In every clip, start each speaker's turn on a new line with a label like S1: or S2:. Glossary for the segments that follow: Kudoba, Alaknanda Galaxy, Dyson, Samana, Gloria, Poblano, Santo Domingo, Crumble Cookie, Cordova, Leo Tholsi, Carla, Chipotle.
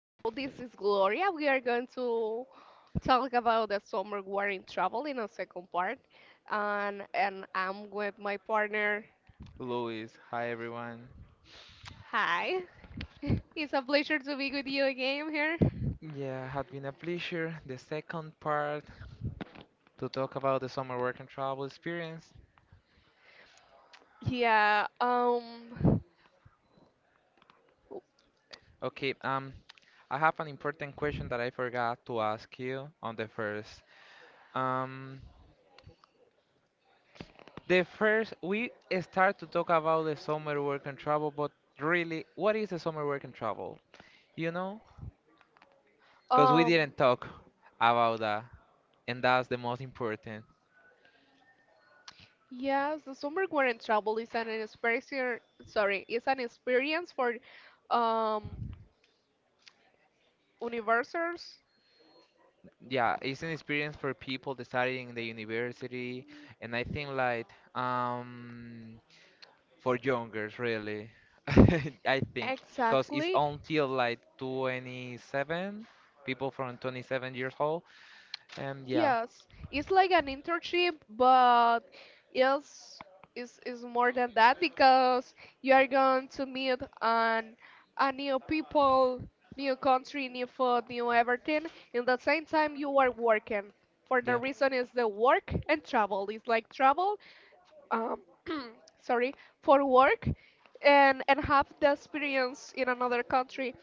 S1: Hello, this is Gloria. We are going to talk about the summer war in travel in a second part. And I'm with my partner.
S2: Luis. Hi, everyone.
S1: Hi. It's a pleasure to be with you again here.
S2: Yeah, had been a pleasure. The second part to talk about the summer work and travel experience.
S1: Yeah, um,
S2: Okay. I have an important question that I forgot to ask you on the first. Um, the first we start to talk about the summer work and travel, but really, what is the summer work and travel? You know, because we
S1: um,
S2: didn't talk about that, and that's the most important.
S1: yes, the summer war in travel is an experience, sorry, it's an experience for um, universals.
S2: Yeah, it's an experience for people that in the university, and I think like um for youngers really. I think, because it's
S1: Exactly.
S2: until like 27, people from 27 years old, and yeah.
S1: Yes, it's like an internship, but yes, it's more than that because you are going to meet an, a new people, new country, new food, new everything. In the same time, you are working. For the
S2: Yeah,
S1: reason is the work and travel. It's like travel, um, sorry, for work and have the experience in another country.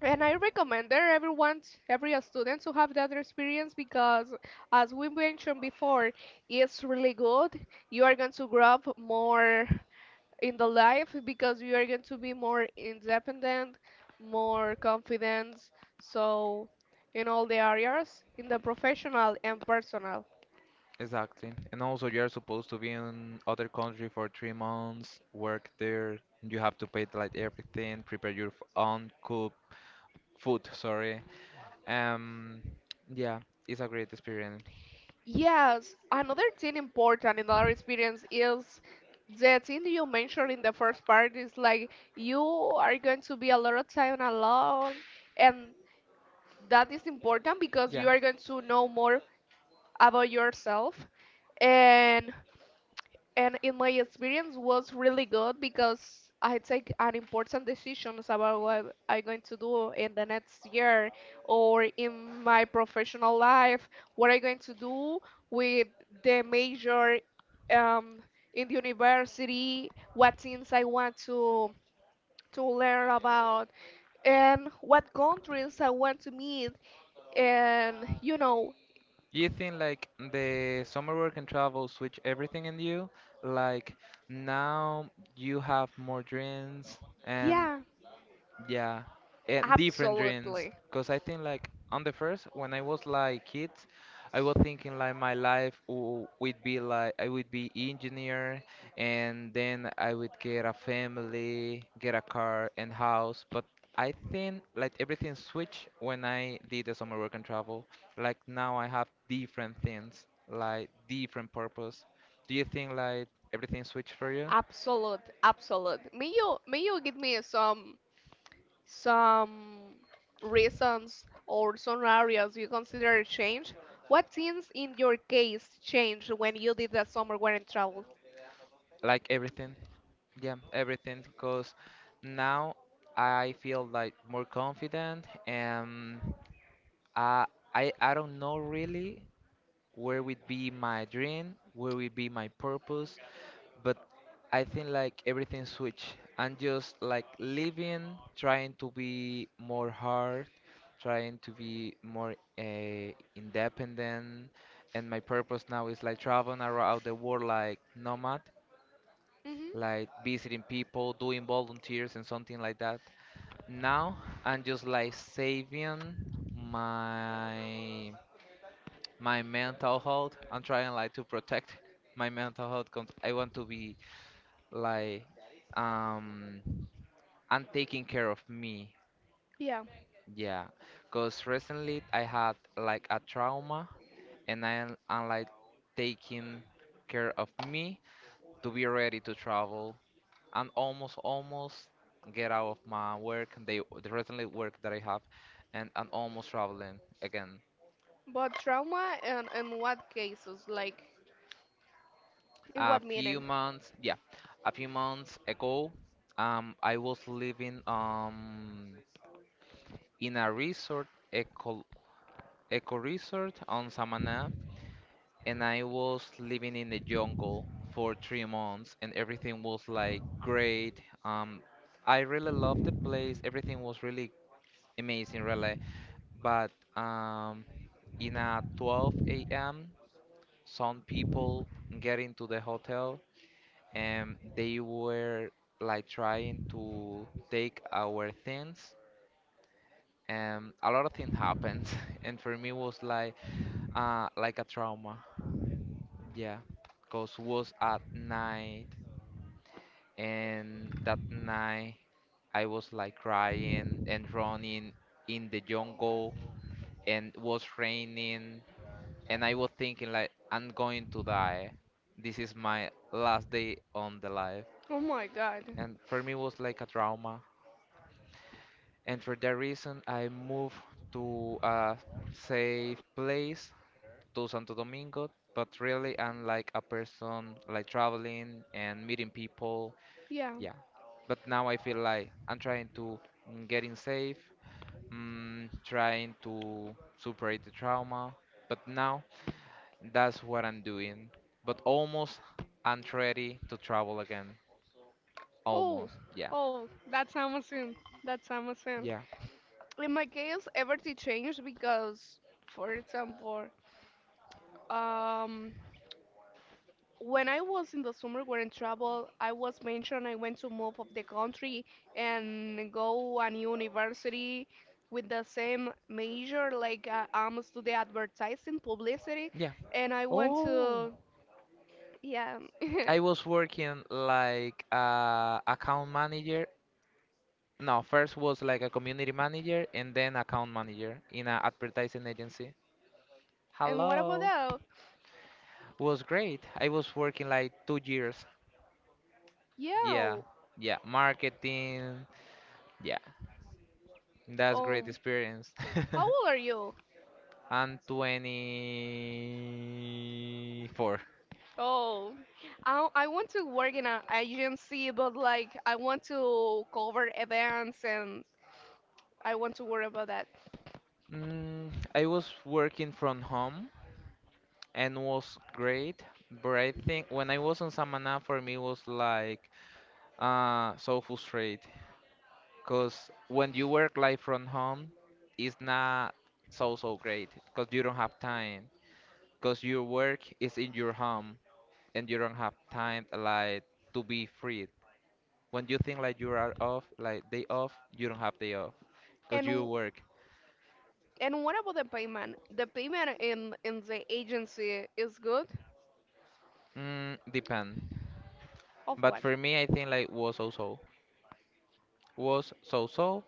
S1: And I recommend that everyone, every student to have that experience because, as we mentioned before, it's really good. You are going to grow up more in the life because you are going to be more independent, more confident. So, in all the areas, in the professional and personal.
S2: exactly. And also you're supposed to be in other country for 3 months, work there, and you have to pay like everything, prepare your own cook food, sorry. um yeah, it's a great experience.
S1: Yes, another thing important in our experience is the thing you mentioned in the first part is like you are going to be a lot of time alone, and that is important because
S2: Yeah.
S1: you are going to know more about yourself. And and in my experience was really good because I take an important decisions about what I'm going to do in the next year or in my professional life, what I'm going to do with the major um, in the university, what things I want to learn about, and what countries I want to meet, and you know,
S2: Do you think like the summer work and travel switch everything in you? Like now you have more dreams, and
S1: yeah,
S2: yeah, and different dreams.
S1: absolutely.
S2: Because I think, like, on the first, when I was like kid, I was thinking like my life would be like I would be engineer, and then I would get a family, get a car and house. But I think like everything switched when I did the summer work and travel. Like now I have different things, like different purpose. Do you think like everything switched for you?
S1: Absolute. May you give me some reasons or scenarios you consider a change? What things in your case changed when you did that summer when in travel?
S2: Like everything? Yeah, everything because now I feel like more confident, and I I don't know really where would be my dream, where would be my purpose, but I think like everything switch. I'm just like living, trying to be more hard, trying to be more independent, and my purpose now is like traveling around the world like nomad,
S1: Hmm.
S2: like visiting people, doing volunteers and something like that. Now I'm just like saving my my mental health. I'm trying like to protect my mental health because I want to be like um I'm taking care of me.
S1: Yeah,
S2: Yeah, because recently I had like a trauma, and I'm like taking care of me to be ready to travel, and almost get out of my work, the recently work that I have, and I'm almost traveling again.
S1: but trauma and in what cases? Like in
S2: a
S1: what
S2: few
S1: meaning?
S2: months yeah a few months ago, I was living in a resort eco resort on Samana, and I was living in the jungle for 3 months, and everything was like great. I really loved the place, everything was really amazing, really. But in a 12 a.m., some people get into the hotel, and they were like trying to take our things, and a lot of things happened. And for me, was like a trauma. Yeah, cause was at night, and that night I was like crying and running in the jungle, and was raining, and I was thinking like I'm going to die. This is my last day on the life.
S1: Oh my God.
S2: And for me it was like a trauma. And for that reason I moved to a safe place, to Santo Domingo. But really I'm like a person like traveling and meeting people.
S1: Yeah.
S2: Yeah. But now I feel like I'm trying to getting safe, trying to superate the trauma. But now, that's what I'm doing. But almost I'm ready to travel again.
S1: Oh,
S2: Almost, yeah.
S1: oh, that's Amazon. That's Amazon.
S2: Yeah,
S1: In my case, everything changed because, for example, um, when I was in the summer were in trouble, I was mentioned I went to move of the country and go a new university with the same major, like I'm study advertising publicity,
S2: yeah.
S1: and I went to yeah.
S2: I was working like account manager. No, first was like a community manager and then account manager in an advertising agency.
S1: And what about
S2: Hello.
S1: that?
S2: Was great. I was working like 2 years. Yeah,
S1: Yeah.
S2: yeah. Marketing. Yeah, that's great
S1: Um.
S2: experience.
S1: How old are you?
S2: And 24.
S1: Oh, I want to work in an agency, but like I want to cover events and I want to worry about that.
S2: Mm, I was working from home and was great, but I think when I was on Samana, for me was like so frustrated, because when you work like from home, it's not so so great because you don't have time, because your work is in your home, and you don't have time like to be free. When you think like you are off, like day off, you don't have day off because you
S1: And
S2: work.
S1: And what about the payment? The payment in the agency is good?
S2: Mm, depend.
S1: Of
S2: But
S1: what?
S2: for me, I think like was so so. Was so so,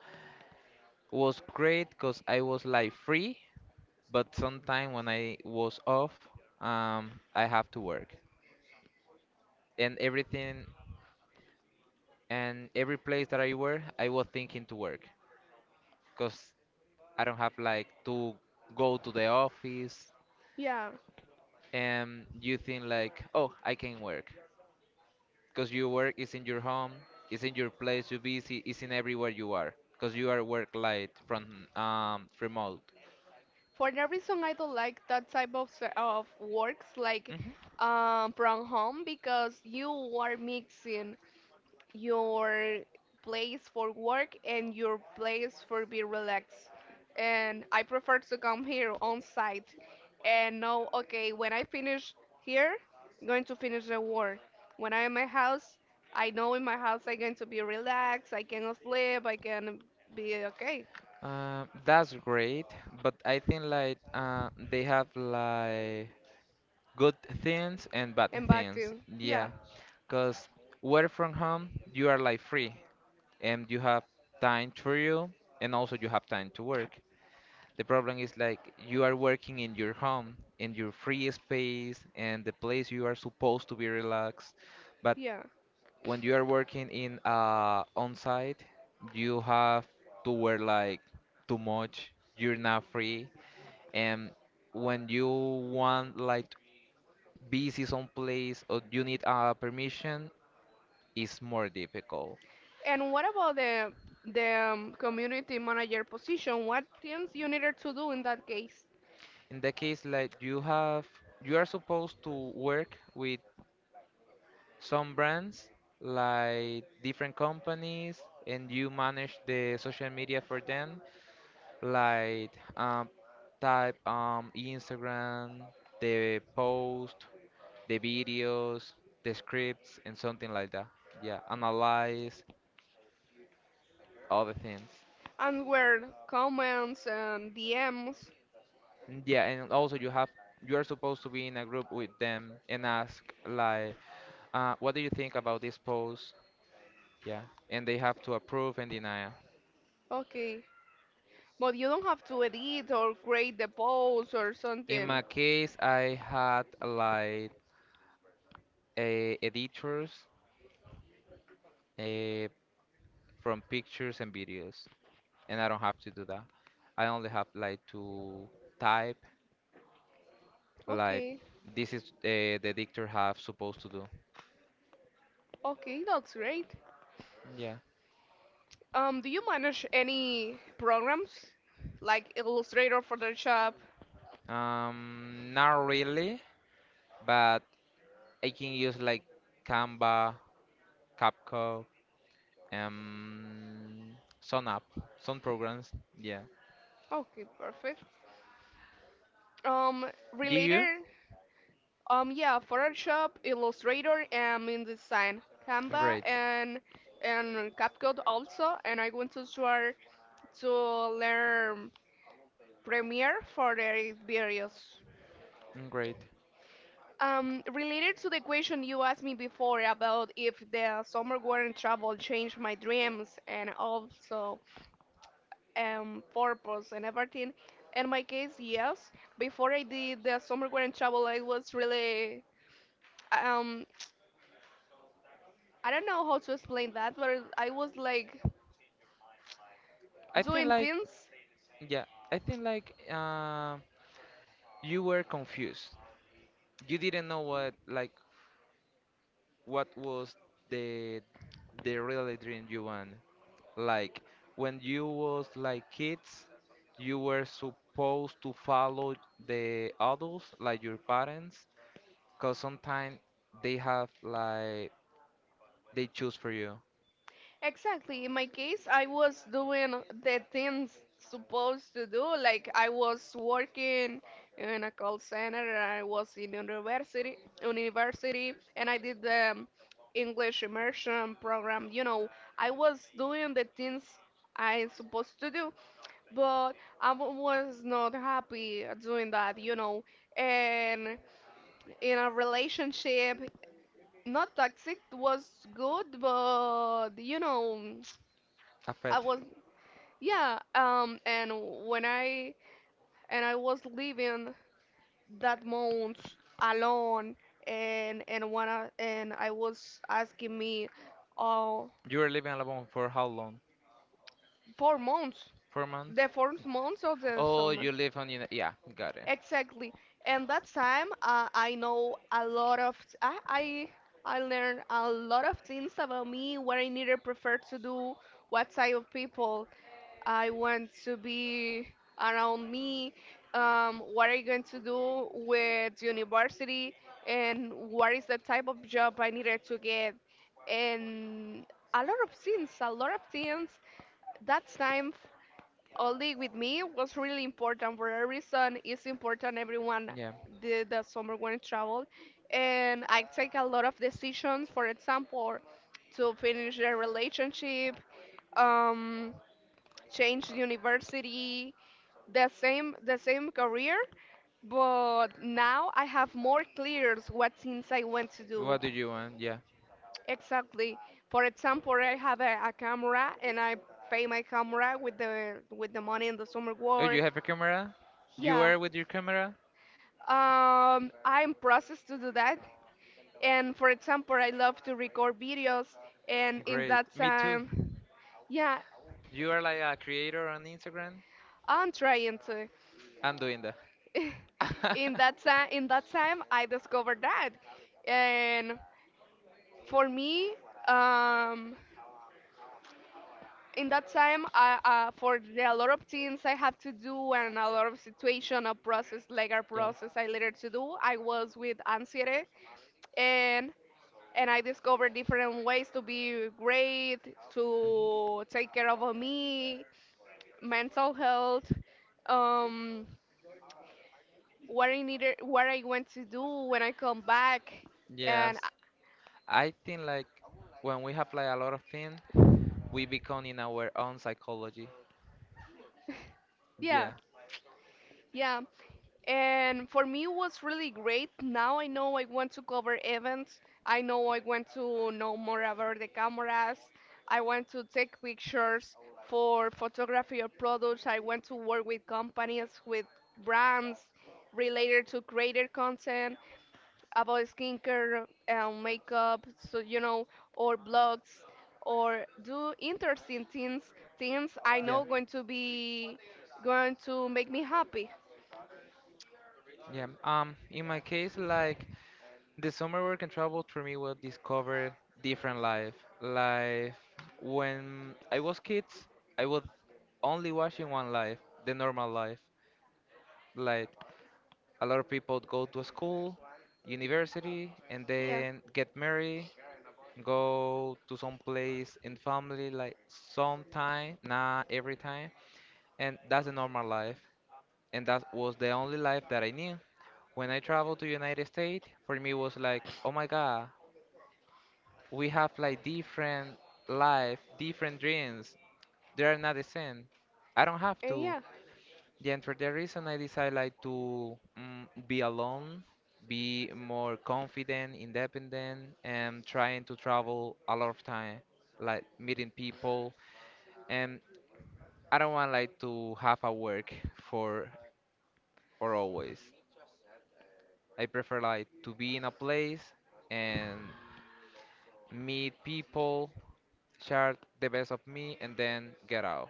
S2: was great because I was like free. But sometime when I was off, I have to work and everything, and every place that I were, I was thinking to work because I don't have like to go to the office,
S1: Yeah.
S2: and you think like, oh, I can work. Because your work is in your home, is in your place you busy, is in everywhere you are, because you are work light from remote.
S1: For that reason, I don't like that type of se- of works like
S2: Mhm.
S1: from home because you are mixing your place for work and your place for be relaxed. And I prefer to come here on site and know, okay, when I finish here, I'm going to finish the work. When I'm in my house, I know in my house I'm going to be relaxed, I can sleep, I can be okay.
S2: That's great, but I think like they have like good things and bad
S1: And back
S2: things.
S1: to,
S2: Yeah,
S1: yeah,
S2: because work from home, you are like free, and you have time to you, and also you have time to work. The problem is like you are working in your home, in your free space, and the place you are supposed to be relaxed. But
S1: yeah.
S2: when you are working in on site, you have to wear like too much. You're not free, and when you want like busy someplace or you need a permission, it's more difficult.
S1: And what about the community manager position? What things you needed to do in that case?
S2: In the case like you have, you are supposed to work with some brands like different companies, and you manage the social media for them like um, type Instagram, the post, the videos, the scripts and something like that. Yeah, analyze all the things.
S1: And where comments and DMs.
S2: Mm, yeah, and also you have you are supposed to be in a group with them and ask like what do you think about this post. Yeah, and they have to approve and deny.
S1: Okay. But you don't have to edit or create the post or
S2: In
S1: something.
S2: my case, I had like editors, uh, from pictures and videos, and I don't have to do that. I only have like to type like
S1: Okay.
S2: this is the editor have supposed to do.
S1: Okay, that's great.
S2: Yeah.
S1: Do you manage any programs like Illustrator, Photoshop?
S2: Not really, but I can use like Canva, CapCut, some app, some programs. Yeah.
S1: Okay, perfect. Um,
S2: Do you?
S1: related, yeah, Photoshop, Illustrator, and InDesign, Canva,
S2: Great,
S1: and CapCut also. And I want to start to learn Premier for their various.
S2: great.
S1: Related to the question you asked me before about if the summer war and travel changed my dreams and also purpose and everything, in my case, yes. Before I did the summer war and travel, I was really, um, I don't know how to explain that, but I was like
S2: I think
S1: doing
S2: like.
S1: things
S2: Yeah, I think like you were confused. You didn't know what like what was the the really dream you want. Like when you was like kids, you were supposed to follow the adults, like your parents, because sometimes they have like they choose for you.
S1: exactly. In my case, I was doing the things supposed to do. Like I was working in a call center. And I was in university, and I did the English immersion program. You know, I was doing the things I supposed to do, but I was not happy doing that. You know, and in a relationship, not toxic was good, but you know.
S2: A
S1: I
S2: pet.
S1: was yeah, and when I was living that month alone, and when I was asking me, uh,
S2: You were living alone for how long?
S1: 4 months,
S2: 4 months.
S1: the fourth month of the
S2: Oh,
S1: summer,
S2: you live on. Yeah, got it.
S1: exactly. And that time, I know a lot of I I I learned a lot of things about me, what I needed prefer to do, what type of people I want to be around me. What are you going to do with university? And what is the type of job I needed to get? And a lot of things. That time only with me was really important for a reason. It's important everyone
S2: Yeah.
S1: did the summer when I travel. And I take a lot of decisions, for example, to finish a relationship. Um, changed university, the same career, but now I have more clears what things I want to do.
S2: What do you want? Yeah.
S1: Exactly. For example, I have a camera and I pay my camera with the money in the summer
S2: Oh,
S1: war.
S2: you have a camera? You
S1: Yeah.
S2: are with your camera?
S1: I'm processed to do that. And for example, I love to record videos and in
S2: Great.
S1: that
S2: Me too.
S1: time, yeah,
S2: You are like a creator on Instagram?
S1: I'm trying to.
S2: I'm doing that.
S1: In that time I discovered that and for me um in that time I, for the, a lot of things I have to do and a lot of situation a process like a
S2: Yeah.
S1: process I later to do I was with anxiety and and I discovered different ways to be great to take care of me mental health um what I needed what I want to do when I come back and
S2: Yes. I think like when we have like a lot of things, we become in our own psychology.
S1: yeah,
S2: Yeah.
S1: yeah. And for me, it was really great. Now I know I want to cover events. I know I want to know more about the cameras. I want to take pictures for photography of products. I want to work with companies, with brands related to creator content about skincare and makeup, so you know, or blogs, or do interesting things, things I
S2: Yeah.
S1: know going to be going to make me happy.
S2: Yeah. In my case, like the summer work and travel for me will discover different life. Life when I was kids, I was only watching one life, the normal life. Like a lot of people go to school, university, and
S1: Yeah,
S2: then get married, go to some place in family like sometime, not every time. And that's the normal life. And that was the only life that I knew. When I traveled to United States, for me was like, oh my God, we have like different life, different dreams. They are not the same. I don't have
S1: and
S2: to.
S1: yeah,
S2: Yeah, and for that reason, I decided like to be alone, be more confident, independent, and trying to travel a lot of time, like meeting people. And I don't want like to have a work for for always. I prefer like to be in a place and meet people, share the best of me, and then get out.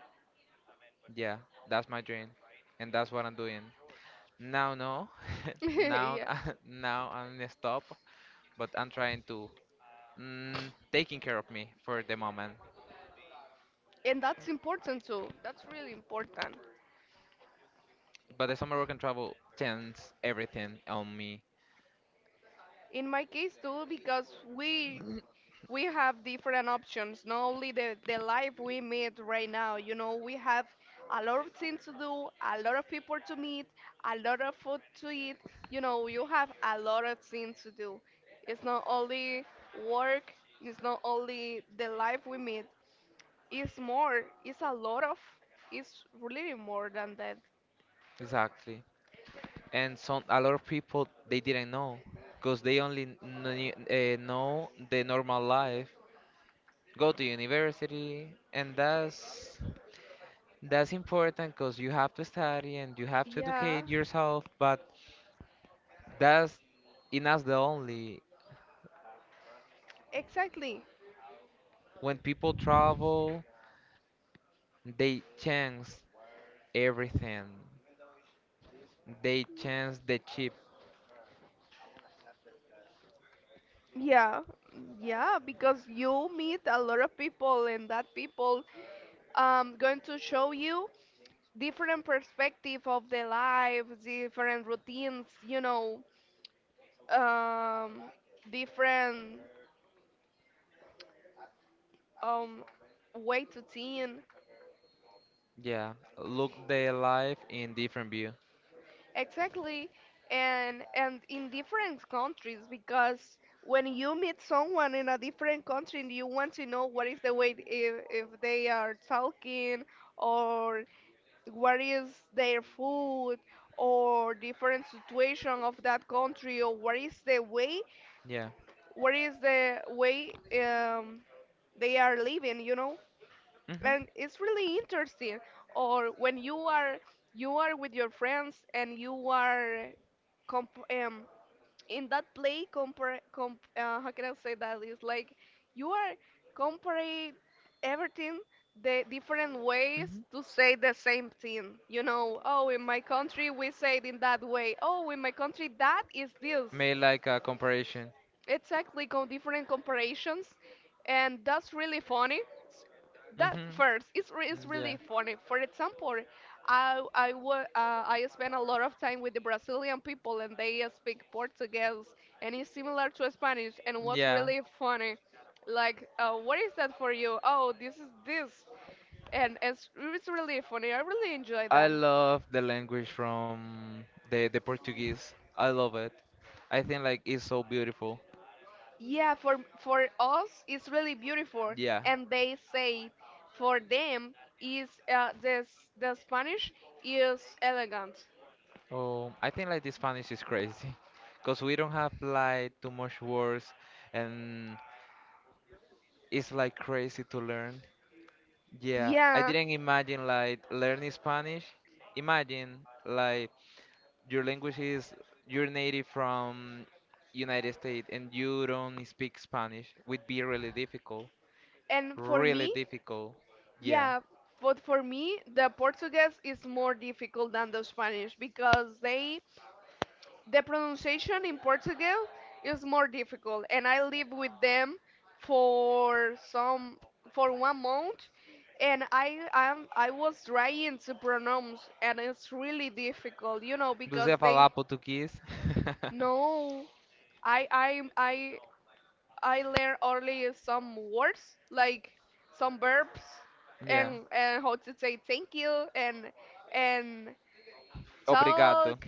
S2: Yeah, that's my dream, and that's what I'm doing. Now, no, now,
S1: yeah,
S2: now I'm gonna stop, but I'm trying to taking care of me for the moment.
S1: and that's important too. That's really important.
S2: But the summer work and travel turns everything on me.
S1: In my case too, because we we have different options. Not only the life we meet right now. You know, we have a lot of things to do, a lot of people to meet, a lot of food to eat. You know, you have a lot of things to do. It's not only work. It's not only the life we meet. It's more. It's a lot of. It's really more than that.
S2: Exactly. And some a lot of people they didn't know because they only knew, know the normal life. Go to university, and that's important because you have to study and you have to
S1: Yeah.
S2: educate yourself. But that's in us the only
S1: Exactly.
S2: when people travel they change everything. They change the chip.
S1: Yeah. Yeah, because you meet a lot of people and that people going to show you different perspective of their life, different routines, you know, um different um way to think.
S2: Yeah, look the life in different view.
S1: Exactly. And in different countries because when you meet someone in a different country you want to know what is the way if they are talking or what is their food or different situation of that country or what is the way
S2: Yeah.
S1: what is the way um, they are living you know
S2: Mhm.
S1: and it's really interesting or when you are with your friends and you are comp- um, in that play compare com how can I say that it's like you are comparing everything the different ways
S2: Mhm.
S1: to say the same thing you know oh in my country we say it in that way oh in my country that is this
S2: Made like a comparison.
S1: exactly com different comparations and that's really funny that
S2: Mhm.
S1: first is really funny. For example, I spend a lot of time with the Brazilian people, and they speak Portuguese, and it's similar to Spanish. And
S2: Yeah.
S1: what's
S2: Yeah.
S1: really funny, like, what is that for you? Oh, this is this, and it's really funny. I really enjoy
S2: I
S1: that.
S2: love the language from the Portuguese. I love it. I think like it's so beautiful.
S1: Yeah, for us, it's really beautiful,
S2: Yeah.
S1: and they say for them is this the Spanish is elegant.
S2: Oh, I think like the Spanish is crazy, cause we don't have like too much words, and it's like crazy to learn. Yeah, I
S1: Yeah,
S2: didn't imagine like learning Spanish. Imagine like your language is you're native from United States and you don't speak Spanish, would be really difficult.
S1: and for
S2: Really
S1: me,
S2: difficult. Yeah.
S1: yeah, but for me, the Portuguese is more difficult than the Spanish because they the pronunciation in Portugal is more difficult. And I lived with them for some for 1 month, and I was trying to pronounce, and it's really difficult, you know,
S2: Você
S1: because
S2: ia
S1: they
S2: falar português?
S1: no, I I I I learn only some words like some verbs
S2: Yeah.
S1: and how to say thank you and
S2: Obrigado.
S1: talk.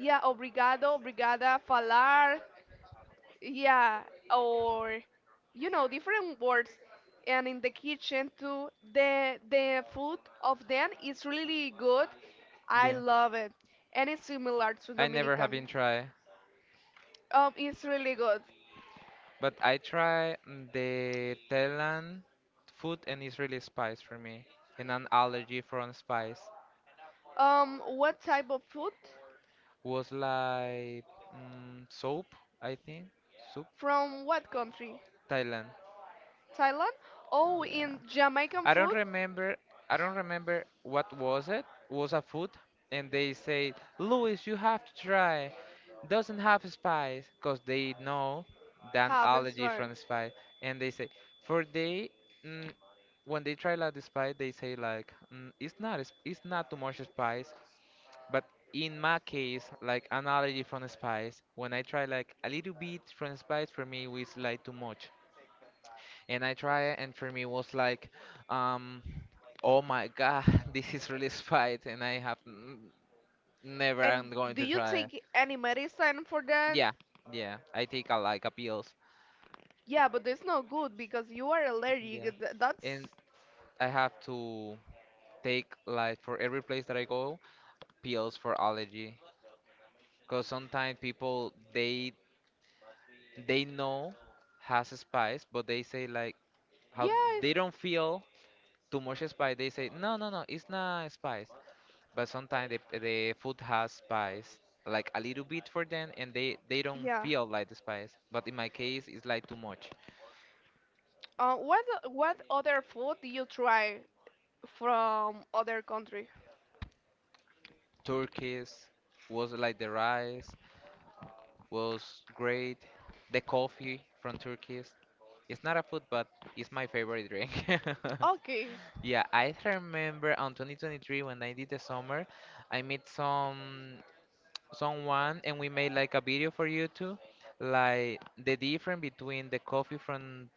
S1: Yeah, obrigado, obrigada, falar. Yeah, or you know different words. And in the kitchen too, the food of them is really good. I
S2: Yeah.
S1: love it, and it's similar to
S2: I never have
S1: Dominican.
S2: been tried.
S1: It's really good.
S2: But I try the Thailand food and it's really spice for me. And an allergy from spice
S1: What type of food?
S2: was like soap, I think. Soup,
S1: From what country?
S2: Thailand.
S1: Thailand? Oh,
S2: Yeah.
S1: in Jamaican
S2: I don't
S1: food?
S2: remember. I don't remember what was it. Was a food, and they said, "Louis, you have to try. Doesn't have spice, 'cause they know that
S1: Half is
S2: allergy
S1: right.
S2: from spice." And they say, for they, mm, when they try like the spice, they say like, "It's not. It's not too much spice." But in my case, like an allergy from spice, when I try like a little bit from spice, for me, was like too much and I try it, and for me was like, um, oh my god, this is really spite, and never
S1: And
S2: I'm going
S1: do
S2: to
S1: you
S2: try it.
S1: take any medicine for that?
S2: Yeah, yeah, I take a, like a pills.
S1: Yeah, but it's not good because you are allergic.
S2: Yeah,
S1: Th-
S2: and
S1: That's
S2: I have to take like for every place that I go pills for allergy, because sometimes people they know has a spice, but they say like how
S1: yeah,
S2: they don't feel too much spice. They say no, no, no, it's not spice. But sometimes the food has spice like a little bit for them and they don't
S1: yeah.
S2: feel like the spice but in my case it's like too much.
S1: What other food do you try from other country?
S2: Turkish was like the rice was great, the coffee from Turkish, it's not a food but it's my favorite drink.
S1: Okay.
S2: Yeah, I remember on 2023 when I did the summer, I met someone and we made like a video for YouTube, like the difference between the coffee from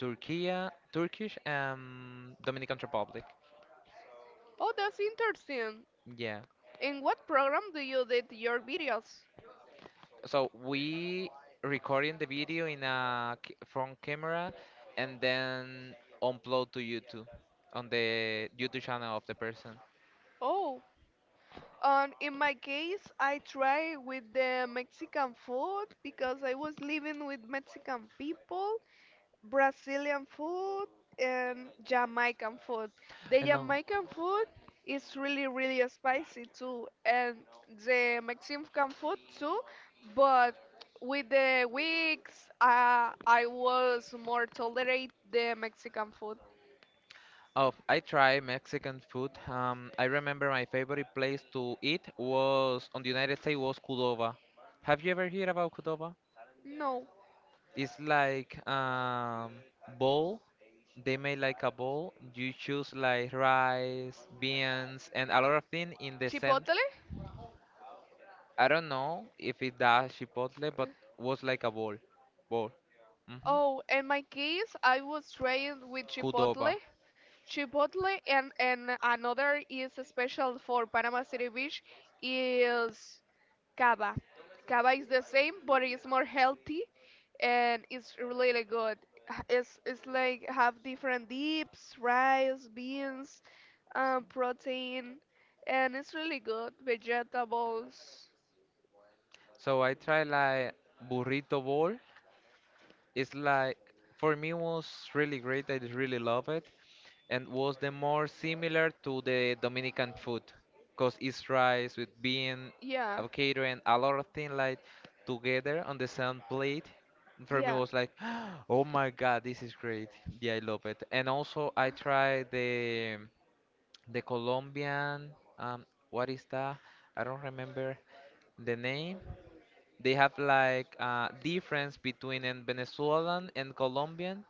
S2: Turkey, Turkish, Dominican Republic.
S1: Oh, that's interesting.
S2: Yeah.
S1: In what program do you did your videos?
S2: So we recording the video in a front camera and then upload to YouTube on the YouTube channel of the person.
S1: Oh, in my case, I try with the Mexican food because I was living with Mexican people, Brazilian food, and Jamaican food. The
S2: And no,
S1: Jamaican food is really, really spicy too, and the Mexican food too, but with the weeks, I was more tolerate the Mexican food.
S2: oh, I try Mexican food. I remember my favorite place to eat was on the United States was Cordova. Have you ever heard about Cordova?
S1: No.
S2: It's like bowl. They made like a bowl. You choose like rice, beans, and a lot of things in the center.
S1: Chipotle?
S2: I don't know if it does chipotle, but was like a bowl. Bowl. Mm-hmm.
S1: Oh, in my case, I was trained with
S2: Kudoba.
S1: Chipotle and another is special for Panama City Beach is cava. Cava is the same, but it's more healthy and it's really good. It's like have different dips, rice, beans, protein, and it's really good. Vegetables.
S2: So I tried like burrito bowl. It's like for me was really great. I really love it. And was the more similar to the Dominican food, cause it's rice with bean,
S1: Yeah,
S2: avocado, and a lot of things like together on the same plate. For me,
S1: yeah.
S2: was like, oh my god, this is great. Yeah, I love it. And also, I tried the Colombian. What is that? I don't remember the name. They have like difference between an Venezuelan and Colombian,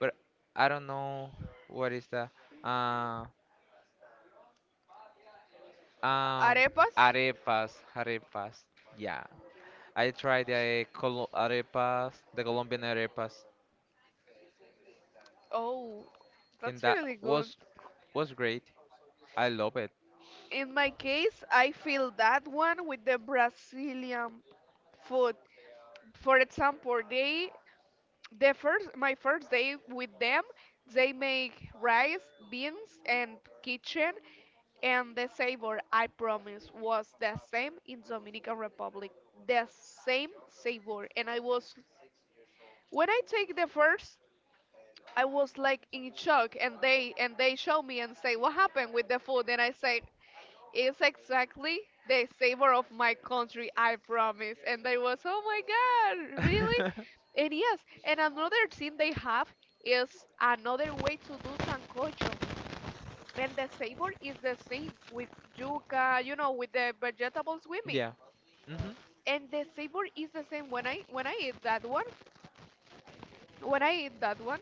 S2: but I don't know what is that. Uh, Um,
S1: Arepas.
S2: arepas, arepas. Yeah, I tried the Col arepas, the Colombian arepas,
S1: Oh,
S2: and
S1: that's
S2: that
S1: really good.
S2: was great. I love it.
S1: In my case, I feel that one with the Brazilian food. For example, they the first my first day with them, they make rice, beans, and kitchen, and the savor I promise was the same in Dominican Republic, the same savor, and I was when I take the first. I was like in shock, and they show me and say what happened with the food, and I say it's exactly the savor of my country, I promise. And I was, oh my God, really? And yes, and another thing they have is another way to do sancocho. And the savor is the same with yuca, you know, with the vegetables we meet.
S2: Yeah. Hmm.
S1: And the savor is the same when I eat that one. When I eat that one,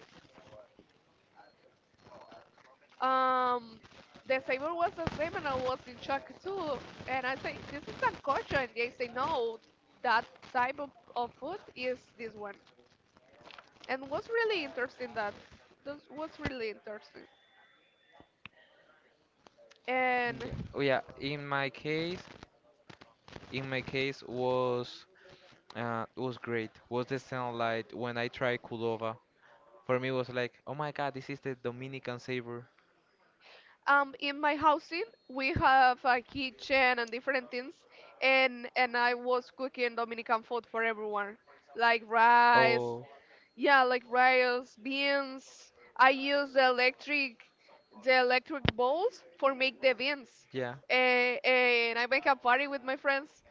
S1: Um, the flavor was the same, and I was in shock too. And I say, "This is sancocho," and they say, "No, that type of food is this one." And was really interesting that. That was really interesting. And
S2: Yeah. Oh yeah. In my case was great. Was the sound like when I tried Kulova. For me was like, oh my God, this is the Dominican savor.
S1: in my housing, we have a kitchen and different things, and I was cooking Dominican food for everyone, like rice,
S2: Oh
S1: yeah, like rice, beans. I use the electric balls for make the beans.
S2: yeah.
S1: And I make a party with my friends.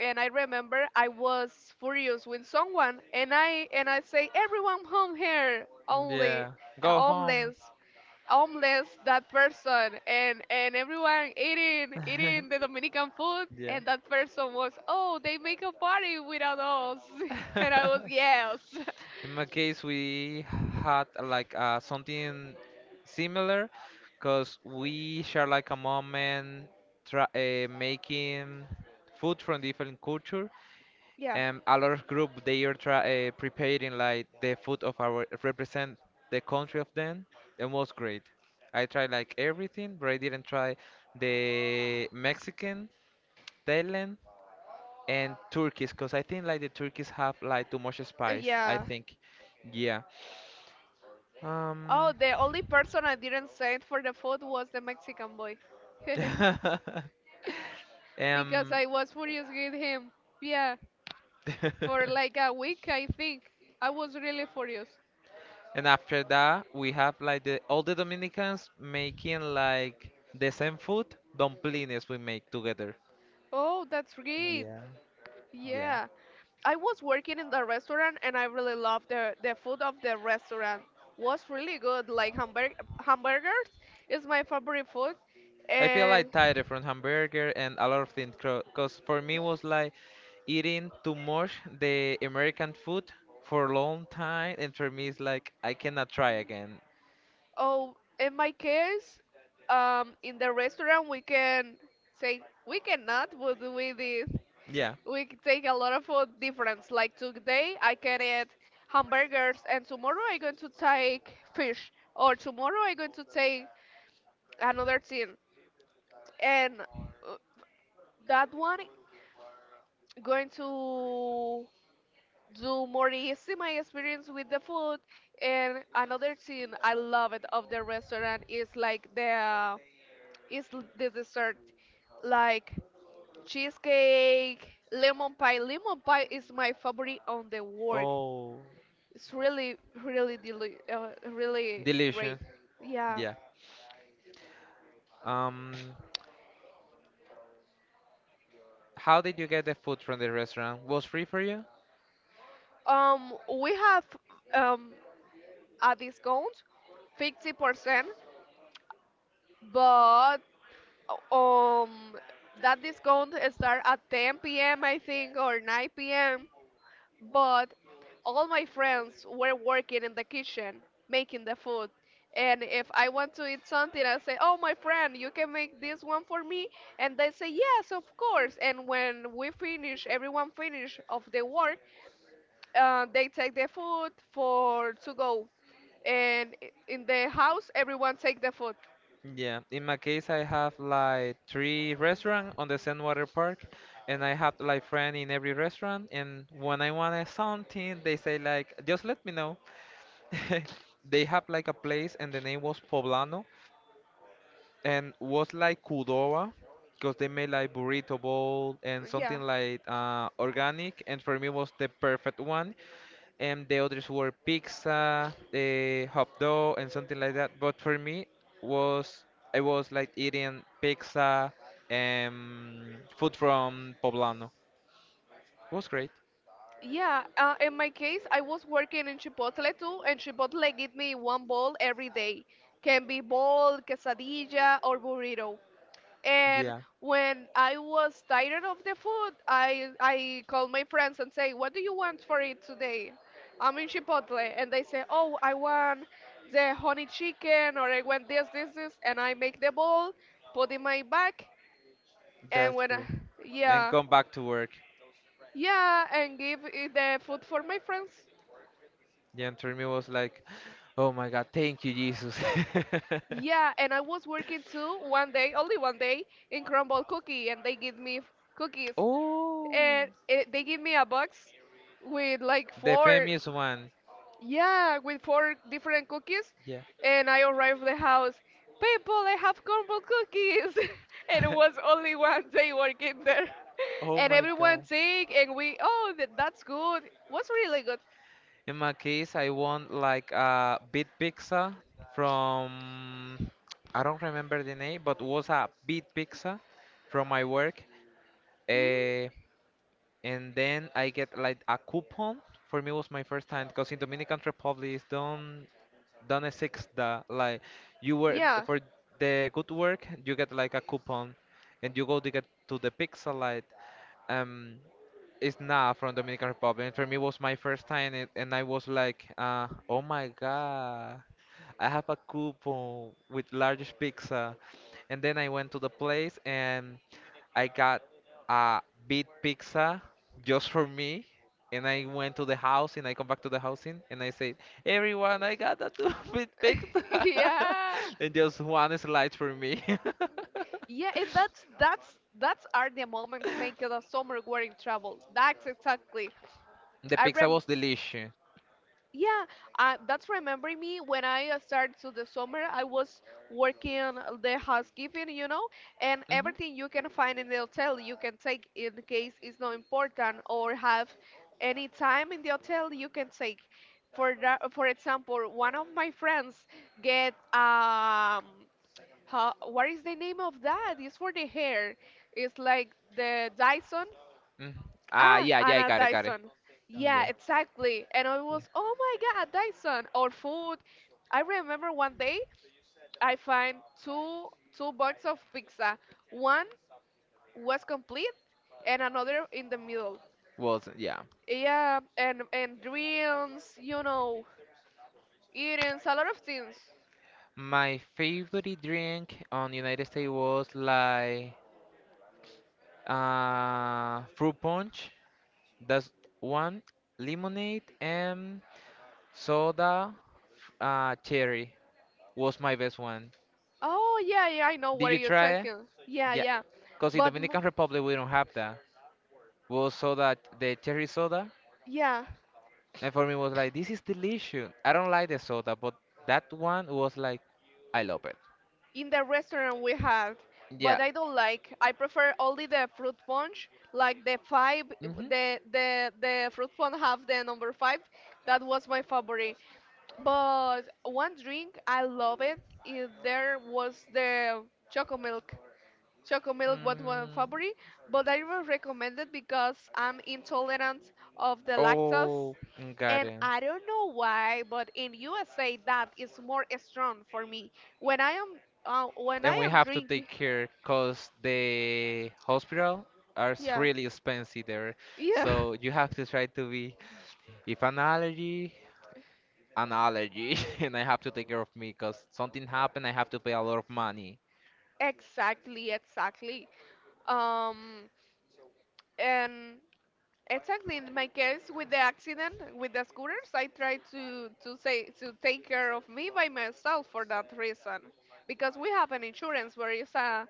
S1: And I remember I was furious with someone, and I say everyone home here only
S2: Yeah.
S1: uh,
S2: Go home.
S1: homeless, homeless that person, and everyone eating eating the Dominican food,
S2: Yeah.
S1: and that person was oh they make a party without us, and I was yes.
S2: In my case, we had like something similar, cause we share like a moment try, making food from different culture.
S1: Yeah.
S2: A lot of group they are try, preparing like the food of our represent the country of them and was great. I tried like everything but I didn't try the Mexican, Thailand and Turkish because I think like the Turkish have like too much
S1: Uh,
S2: spice I
S1: Yeah.
S2: think. Yeah.
S1: Oh,
S2: um
S1: the only person I didn't send for the food was the Mexican boy. Because
S2: um
S1: I was furious with him. Yeah, for like a week, I think. I was really furious.
S2: and after that we have like the all the Dominicans making like the same food, dumplings we make together.
S1: Oh, that's great.
S2: Yeah, yeah.
S1: Yeah. I was working in the restaurant and I really loved the food of the restaurant. Was really good. Like hamburgers is my favorite food.
S2: I feel
S1: And
S2: like tired from hamburger and a lot of things. Cause for me was like eating too much the American food for a long time, and for me it's like I cannot try again.
S1: oh, in my case, in the restaurant we can say we cannot, but we did.
S2: Yeah,
S1: We take a lot of food difference. Like today, I can eat hamburgers, and tomorrow I'm going to take fish, or tomorrow I'm going to take another thing, and that one going to do more easy my experience with the food. And another thing I love it of the restaurant is like the dessert like cheesecake, lemon pie. Lemon pie is my favorite on the world.
S2: oh,
S1: It's really, really, really
S2: delicious.
S1: great. Yeah.
S2: Yeah. Um, how did you get the food from the restaurant? Was free for you?
S1: Um, we have um a discount, 50%, but um that discount start at ten p.m. I think or nine p.m. But all my friends were working in the kitchen making the food, and if I want to eat something I say, oh my friend, you can make this one for me, and they say yes, of course. And when we finish, everyone finish of the work, they take the food for to go, and in the house everyone take the food,
S2: Yeah, in my case, I have like three restaurants on the Sandwater Park, and I have like friend in every restaurant. And when I want something, they say like, just let me know. They have like a place, and the name was Poblano, and was like Kudowa, because they made like burrito bowl and
S1: yeah.
S2: something like organic. And for me, was the perfect one, and the others were pizza, hot dog, and something like that. But for me, was I was like eating pizza and food from Poblano. It was great.
S1: Yeah, in my case, I was working in Chipotle too, and Chipotle give me one bowl every day. Can be bowl, quesadilla, or burrito. And
S2: Yeah,
S1: when I was tired of the food, I call my friends and say, "What do you want for it today? I'm in Chipotle," and they say, "Oh, I want the honey chicken, or I want this, this, this," and I make the bowl, put in my bag, and
S2: that's
S1: when I,
S2: great. And
S1: yeah,
S2: come back to work.
S1: yeah, and give it the food for my friends.
S2: Yeah, and for me was like, oh my God, thank you, Jesus.
S1: Yeah, and I was working too one day, only one day, in Crumble Cookie, and they give me cookies,
S2: Oh,
S1: and it, they give me a box with like
S2: the
S1: four,
S2: famous one.
S1: yeah, with four different cookies,
S2: Yeah.
S1: and I arrived the house. People, I have Crumble Cookies, and it was only one day working there,
S2: Oh
S1: and
S2: my
S1: everyone
S2: god.
S1: take, and we, oh, that, that's good. Was really good.
S2: In my case, I want like a big pizza from I don't remember the name, but was a big pizza from my work.
S1: Hmm?
S2: Uh, and then I get like a coupon. For me, was my first time because in Dominican Republic don't exist that like you were
S1: Yeah,
S2: for the good work you get like a coupon, and you go to get to the pizza light. Um, It's not from Dominican Republic. For me, it was my first time, and, I was like, "Oh my God, I have a coupon with largest pizza." And then I went to the place and I got a big pizza just for me. And I went to the house and I come back to the housing and I said, "Everyone, I got a two big pizza,"
S1: yeah.
S2: and just one slice for me.
S1: Yeah, and that's are the moments make the summer wearing travel. That's exactly.
S2: The
S1: I
S2: pizza
S1: rem
S2: was delicious.
S1: yeah, that's remembering me when I started to the summer. I was working the housekeeping, you know, and
S2: Hmm.
S1: everything you can find in the hotel you can take in case it's not important or have any time in the hotel you can take. For that, for example, one of my friends get how, what is the name of that? It's for the hair. It's like the Dyson.
S2: Mm.
S1: Ah,
S2: Yeah, yeah, I
S1: Anna
S2: got it, got it.
S1: Dyson.
S2: Mm,
S1: Yeah,
S2: yeah,
S1: exactly. And I
S2: yeah.
S1: was, oh my God, Dyson or food. I remember one day I find two two boxes of pizza. One was complete and another in the middle.
S2: Well, yeah.
S1: Yeah, and drinks, you know, eatings, a lot of things.
S2: My favorite drink on the United States was like fruit punch. That's one lemonade and soda. Cherry was my best one.
S1: Oh yeah, yeah, I know
S2: Did
S1: what
S2: you
S1: you're
S2: try it?
S1: talking. Yeah,
S2: Yeah,
S1: yeah,
S2: because in
S1: but mo-
S2: Dominican Republic we don't have that. Was soda the cherry soda,
S1: yeah.
S2: and for me was like this is delicious. I don't like the soda, but that one was like I love it.
S1: In the restaurant we had,
S2: Yeah.
S1: but I don't like. I prefer only the fruit punch, like the five,
S2: Mm-hmm.
S1: the fruit punch have the number five. That was my favorite. But one drink I love it. If there was the chocolate milk. Choco milk was my
S2: Mm.
S1: favorite, but I will recommend it because I'm intolerant of the lactose.
S2: Oh, mm, got
S1: And
S2: it.
S1: I don't know why, but in USA that is more strong for me. When I am uh, when I
S2: And we
S1: am
S2: have to take
S1: drinking,
S2: care because the hospital
S1: yeah,
S2: really expensive there.
S1: yeah,
S2: So you have to try to be, if an allergy, an allergy. And I have to take care of me because something happened, I have to pay a lot of money.
S1: exactly, exactly. Um, and exactly in my case with the accident with the scooters, I tried to say to take care of me by myself for that reason, because we have an insurance where it's a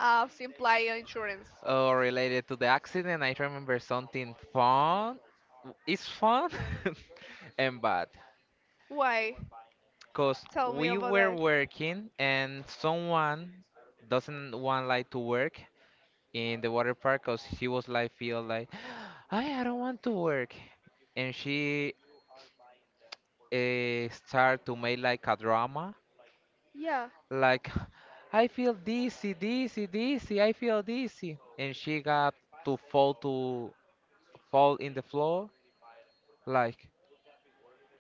S1: of employer insurance.
S2: Oh, related to the accident, I remember something fun. It's fun and bad.
S1: Why?
S2: Because
S1: Tell me
S2: we
S1: about
S2: were
S1: that.
S2: working and someone doesn't want like to work in the water park because she was like feel like I don't want to work and she start to make like a drama
S1: Yeah.
S2: like I feel dizzy, dizzy, dizzy, I feel dizzy and she got to fall in the floor like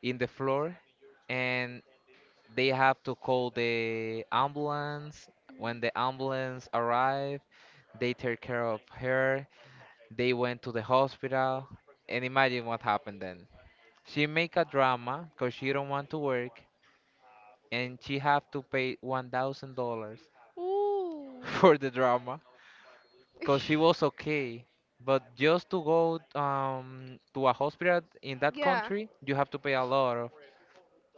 S2: in the floor and they have to call the ambulance. When the ambulance arrived, they take care of her. They went to the hospital. And imagine what happened then. She make a drama because she don't want to work and she have to pay $1,000
S1: Ooh.
S2: for the drama because she was okay. But just to go to a hospital in that
S1: yeah,
S2: country, you have to pay a lot of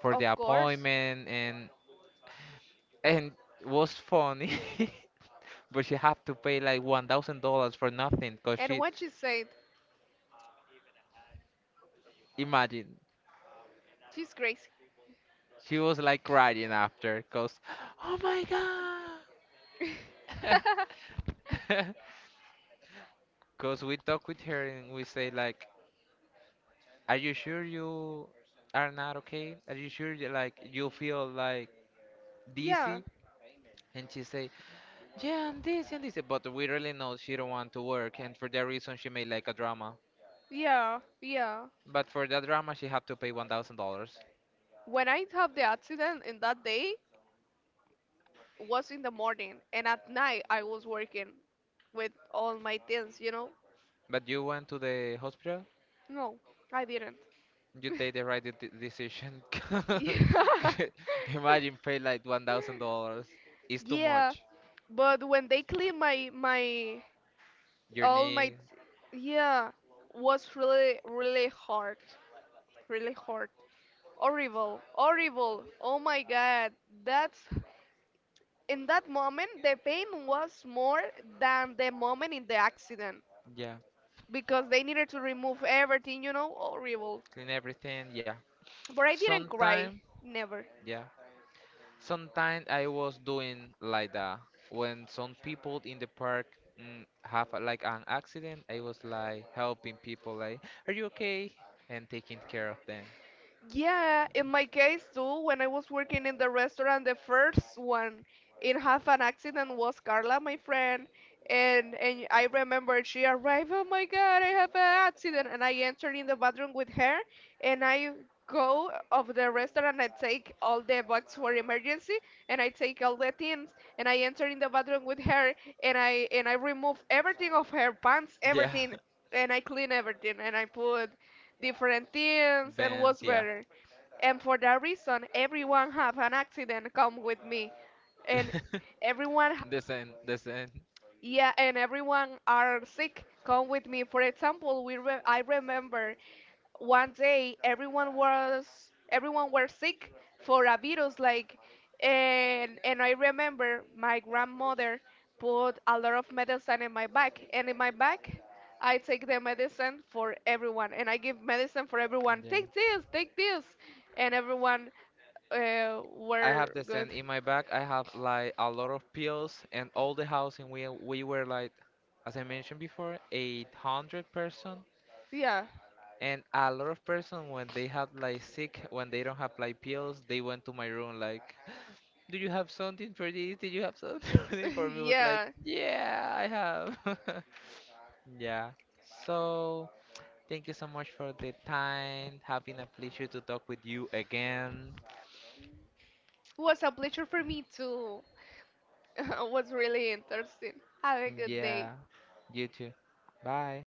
S2: for
S1: of
S2: the
S1: course.
S2: appointment and was funny, but she had to pay like $1,000 for nothing, cause
S1: And
S2: she
S1: what she said,
S2: imagine
S1: she's crazy.
S2: she was like crying after, cause oh my god, cause we talk with her and we say like, are you sure you are not okay? Are you sure you, like you feel like
S1: yeah,
S2: dizzy? And she say, yeah, and this, but we really know she don't want to work, and for that reason she made like a drama.
S1: yeah, yeah.
S2: But for that drama, she had to pay $1,000.
S1: When I have the accident in that day was in the morning, and at night I was working with all my things, you know?
S2: But you went to the hospital?
S1: No, I didn't.
S2: You take the right decision.
S1: yeah.
S2: Imagine pay like $1,000. It's too
S1: Yeah,
S2: much.
S1: but when they clean my
S2: You
S1: all my,
S2: need
S1: yeah, was really really hard, really hard, horrible horrible, oh my god, that's, in that moment the pain was more than the moment in the accident,
S2: yeah,
S1: because they needed to remove everything, you know, horrible,
S2: clean everything, yeah.
S1: but I didn't cry,
S2: Sometime
S1: never.
S2: yeah. Sometimes I was doing like that. When some people in the park have like an accident, I was like helping people like, are you okay? And taking care of them.
S1: Yeah, in my case too, when I was working in the restaurant, the first one in half an accident was Carla, my friend, and I remember she arrived, oh my God, I have an accident, and I entered in the bathroom with her, and I go of the restaurant, I take all the box for emergency, and I take all the things, and I enter in the bathroom with her, and I remove everything of her pants,
S2: Yeah.
S1: everything, and I clean everything, and I put different things, and was
S2: Bands, yeah.
S1: better, and for that reason everyone have an accident come with me, and everyone h-
S2: The same, the same.
S1: yeah, and everyone are sick come with me. For example, I remember one day everyone was everyone were sick for a virus like, and I remember my grandmother put a lot of medicine in my back, and in my back I take the medicine for everyone, and I give medicine for everyone. Take
S2: Yeah.
S1: this, take this. And everyone
S2: I have
S1: were
S2: the
S1: good.
S2: same in my bag. I have like a lot of pills and all the housing. We were like, as I mentioned before, 800 person.
S1: Yeah,
S2: And a lot of person when they have like sick, when they don't have like pills, they went to my room like, do you have something for this? Did you have something for this? For me it was like,
S1: yeah.
S2: yeah, I have. Yeah. So thank you so much for the time. Having a pleasure to talk with you again.
S1: It was a pleasure for me too. It was really interesting. Have a
S2: Mm,
S1: good day.
S2: yeah, you too. Bye.